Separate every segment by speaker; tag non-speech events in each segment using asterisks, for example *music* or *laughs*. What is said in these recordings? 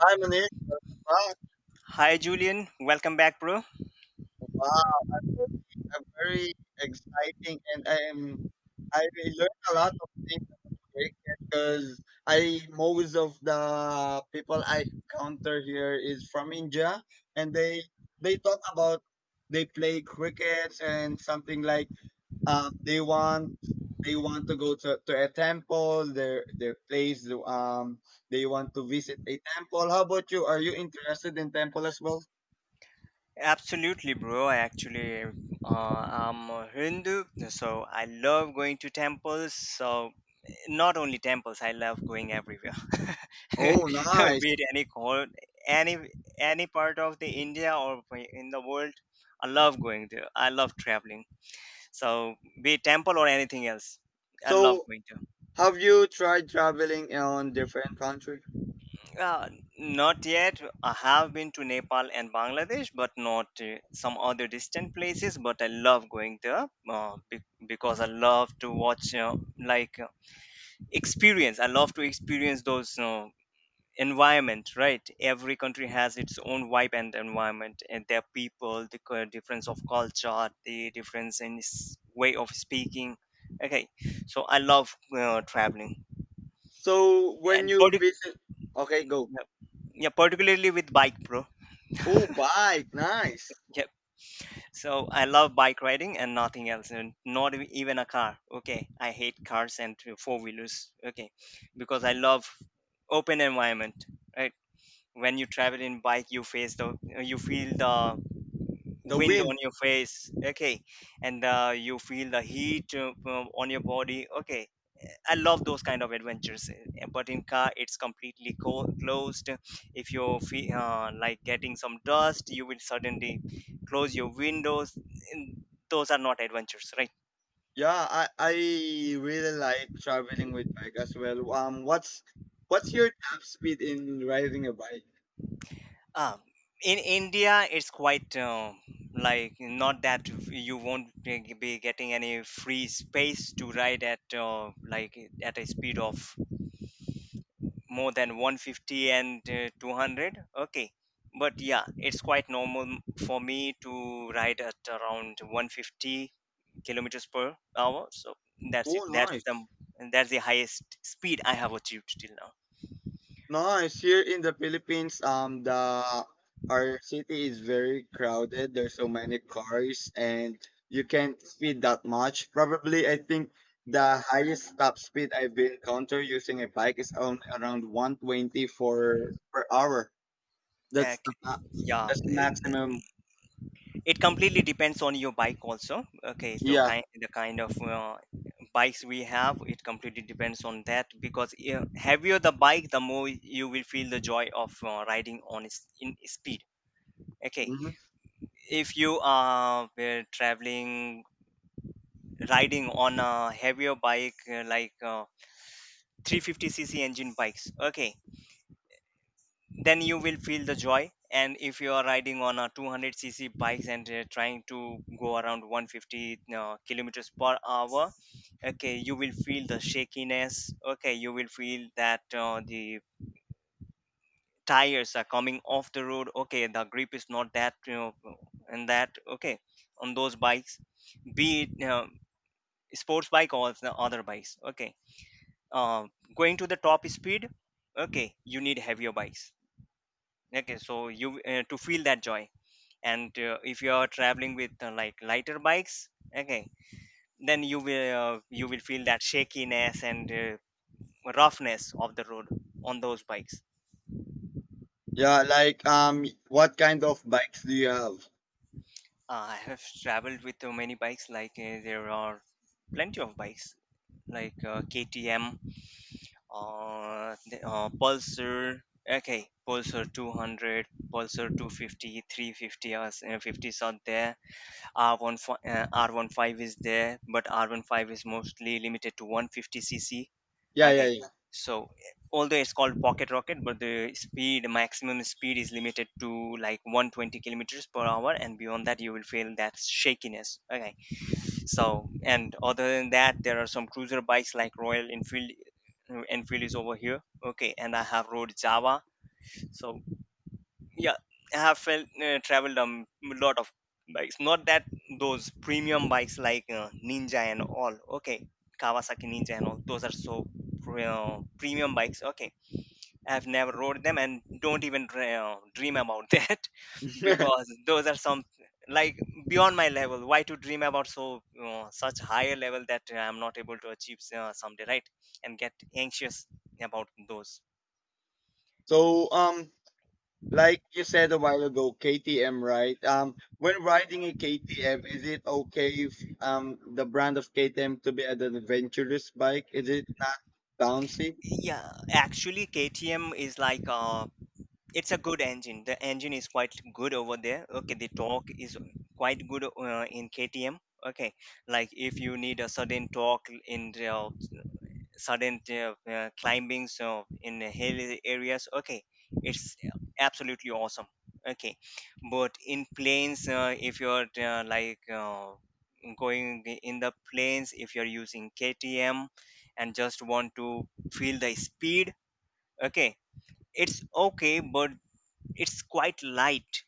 Speaker 1: Hi, Manish. Wow,
Speaker 2: Hi Julian, welcome back, bro.
Speaker 1: wow. I'm very exciting, and I am. I learned a lot of things because I most of the people I encounter here is from India, and they talk about they play crickets and something like uh, they want they want to go to a temple their place they want to visit a temple. How about you? Are you interested in temple as well?
Speaker 2: Absolutely, bro. I actually I'm a Hindu, so I love going to temples. So not only temples, I love going everywhere. *laughs*
Speaker 1: Oh, nice.
Speaker 2: Be it any cor- any any part of the India or in the world, I love going there. I love traveling. So be it temple or anything else, I love
Speaker 1: So,
Speaker 2: going to.
Speaker 1: have you tried traveling on different country?
Speaker 2: Uh, Not yet. I have been to Nepal and Bangladesh, but not some other distant places. But I love going there because I love to watch, like, experience. I love to experience those environment, right? Every country has its own vibe and environment, and their people, difference of culture, the difference in s- way of speaking. Okay, so I love traveling,
Speaker 1: So, when
Speaker 2: and
Speaker 1: you
Speaker 2: partic-
Speaker 1: visit, okay, go.
Speaker 2: yeah, yeah, particularly with bike, bro.
Speaker 1: Oh, bike, nice.
Speaker 2: Yeah, so I love bike riding and nothing else, and not e- even a car. Okay, I hate cars and four wheelers. Okay, because I love open environment. Right, when you travel in bike, you feel the
Speaker 1: The
Speaker 2: wind
Speaker 1: wind.
Speaker 2: on your face. Okay, and you feel the heat on your body. Okay, I love those kind of adventures. But in car, it's closed. If like getting some dust, you will suddenly close your windows. And those are not adventures, right?
Speaker 1: Yeah, I really like traveling with bike as well. What's your top speed in riding a bike?
Speaker 2: Um, in India, it's quite like not that you won't be getting any free space to ride at like at a speed of more than 150 and 200. Okay, but yeah, it's quite normal for me to ride at around 150 kilometers per hour. So that's it
Speaker 1: Oh,
Speaker 2: that's
Speaker 1: nice.
Speaker 2: the that's the highest speed I have achieved till now.
Speaker 1: Nice. Here in the Philippines, the our city is very crowded. There's so many cars, and you can't speed that much. Probably, I think the highest top speed I've been encounter using a bike is on around 120 for per hour.
Speaker 2: Okay,
Speaker 1: That's the ma-
Speaker 2: yeah,
Speaker 1: that's the
Speaker 2: it,
Speaker 1: maximum.
Speaker 2: it completely depends on your bike also. Okay, so
Speaker 1: Yeah.
Speaker 2: kind of bikes we have, it completely depends on that because heavier the bike, the more you will feel the joy of riding on its in speed. Okay,
Speaker 1: Hmm.
Speaker 2: if you are traveling riding on a heavier bike 350cc engine bikes, okay, then you will feel the joy. And if you are riding on a 200cc bikes and trying to go around 150 kilometers per hour, okay, you will feel the shakiness. Okay, you will feel that the tires are coming off the road. Okay, the grip is not that, you know, and that. Okay, on those bikes, be it sports bike or the other bikes, okay, uh, going to the top speed, okay, you need heavier bikes, okay, so you to feel that joy. And if you are traveling with like lighter bikes, okay, then you will feel that shakiness and roughness of the road on those bikes.
Speaker 1: Yeah. Like, what kind of bikes do you have?
Speaker 2: I have traveled with many bikes. Like there are plenty of bikes, like KTM, Pulsar. Okay, Pulsar 200, Pulsar 250, 350 or 50s are there. R15, R15 is there, but R15 is mostly limited to 150cc.
Speaker 1: Yeah,
Speaker 2: Okay,
Speaker 1: yeah,
Speaker 2: so although it's called pocket rocket, but the speed maximum speed is limited to like 120 kilometers per hour, and beyond that you will feel that shakiness. Okay, so and other than that, there are some cruiser bikes like Royal Enfield. Enfield is over here. Okay, and I have rode Java. So yeah, I have traveled a lot of bikes. Not that those premium bikes like Ninja and all. Okay, Kawasaki Ninja and all. Those are so premium bikes. Okay, I've never rode them and don't even dream about *laughs* that
Speaker 1: yeah.
Speaker 2: because those are some like beyond my level. Why to dream about so such higher level that I'm not able to achieve someday, right? And get anxious about those.
Speaker 1: *laughs* So, um. Like you said a while ago, KTM, right? When riding a KTM, is it okay if the brand of KTM to be an adventurous bike? Is it not bouncy?
Speaker 2: Yeah, actually, KTM is like it's a good engine. The engine is quite good over there. Okay, the torque is quite good in KTM. Okay, like if you need a certain torque in the sudden climbing, so in the hill areas, okay, it's absolutely awesome. Okay, but in plains, if you're going in the plains, if you're using KTM and just want to feel the speed, okay, it's okay, but it's quite light.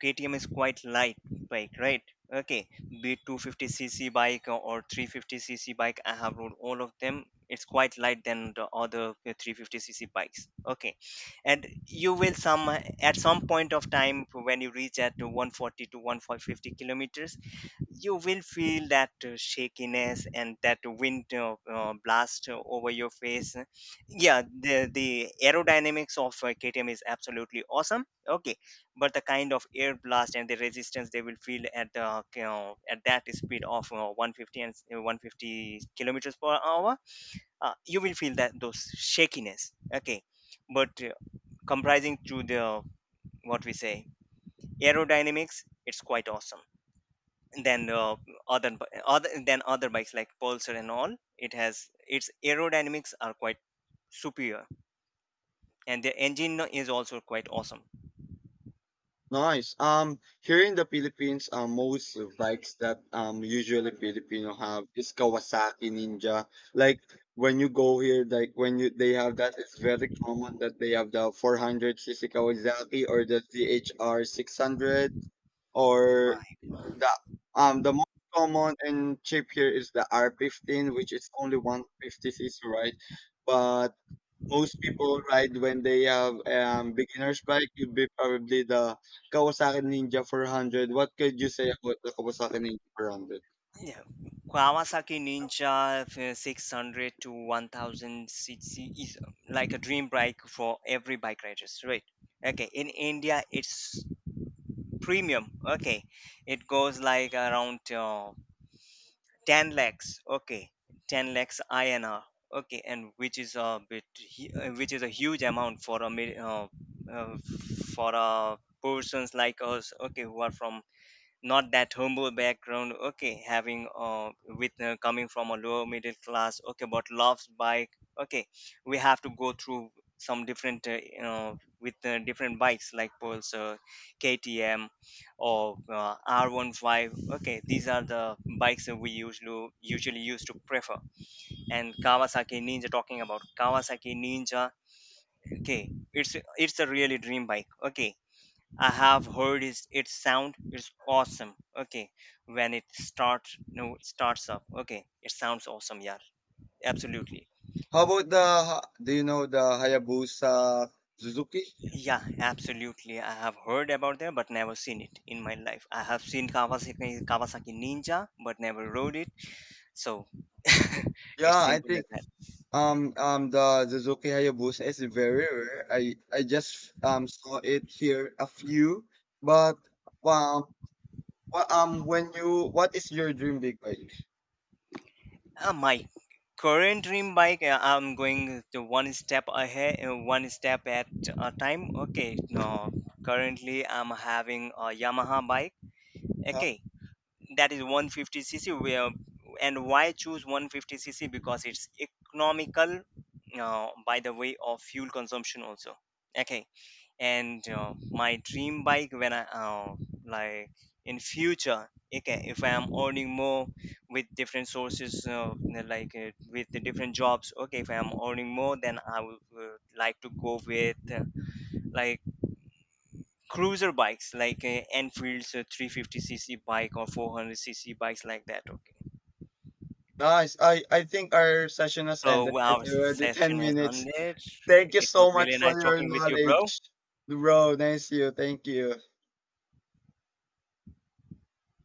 Speaker 2: KTM is quite light bike, right? Okay, be it 250cc bike or 350cc bike, I have rode all of them. It's quite light than the other 350cc bikes. Okay, and you will some at some point of time when you reach at 140 to 150 kilometers, you will feel that shakiness and that wind blast over your face. Yeah, the aerodynamics of KTM is absolutely awesome. Okay, but the kind of air blast and the resistance they will feel at the, you know, at that speed of 150 and 150 kilometers per hour, you will feel that those shakiness. Okay, but comprising to the, what we say, aerodynamics, it's quite awesome than other than other bikes like Pulsar and all. It has its aerodynamics are quite superior, and the engine is also quite awesome.
Speaker 1: Nice. Here in the Philippines, most of bikes that usually Filipino have is Kawasaki Ninja. Like when you go here, like when you they have that, it's very common that they have the 400cc Kawasaki or the CHR 600 or the most common and cheap here is the R15, which is only 150cc, right? But most people ride when they have beginner's bike. Would be probably the Kawasaki Ninja 400. What could you say about the Kawasaki Ninja 400?
Speaker 2: Yeah, Kawasaki Ninja 600 to 1000 cc is like a dream bike for every bike riders, right? Okay, in India it's premium. Okay, it goes like around 10 lakhs. Okay, 10 lakhs INR. Okay, and which is a bit which is a huge amount for a uh, for a persons like us, okay, who are from not that humble background, okay, having with coming from a lower middle class, okay, but loves bike. Okay, we have to go through some different you know, with different bikes like Pulsar, KTM or R15. Okay, these are the bikes that we usually used to prefer. And Kawasaki Ninja, talking about Kawasaki Ninja, okay, it's it's a really dream bike. Okay, I have heard is its sound is awesome. Okay, when it starts, no, it starts up. Okay, it sounds awesome. Yeah, absolutely.
Speaker 1: How about the? Do you know the Hayabusa Suzuki?
Speaker 2: Yeah, absolutely. I have heard about that, but never seen it in my life. I have seen Kawasaki Ninja, but never rode it. So *laughs* it's
Speaker 1: Yeah, I
Speaker 2: simple as
Speaker 1: think
Speaker 2: that.
Speaker 1: The Suzuki Hayabusa is very rare. I just saw it here a few, but um, when you what is your dream big bike?
Speaker 2: My current dream bike, I'm going to one step ahead, one step at a time. Okay, no, currently I'm having a Yamaha bike.
Speaker 1: Uh,
Speaker 2: Okay, that is 150cc. Where and Why choose 150cc? Because it's economical by the way of fuel consumption also. Okay, and my dream bike, when I like in future, okay, if I am earning more with different sources, with the different jobs, okay, if I am earning more, then I would like to go with like cruiser bikes like Enfield's 350cc bike or 400cc bikes like that. Okay,
Speaker 1: nice. I think our session has ended.
Speaker 2: so
Speaker 1: It's
Speaker 2: our
Speaker 1: already
Speaker 2: session
Speaker 1: ten
Speaker 2: has
Speaker 1: minutes.
Speaker 2: ended.
Speaker 1: Thank you
Speaker 2: It was
Speaker 1: so
Speaker 2: really
Speaker 1: much
Speaker 2: nice
Speaker 1: for your
Speaker 2: talking with you, bro.
Speaker 1: knowledge, bro. Nice you. Thank you.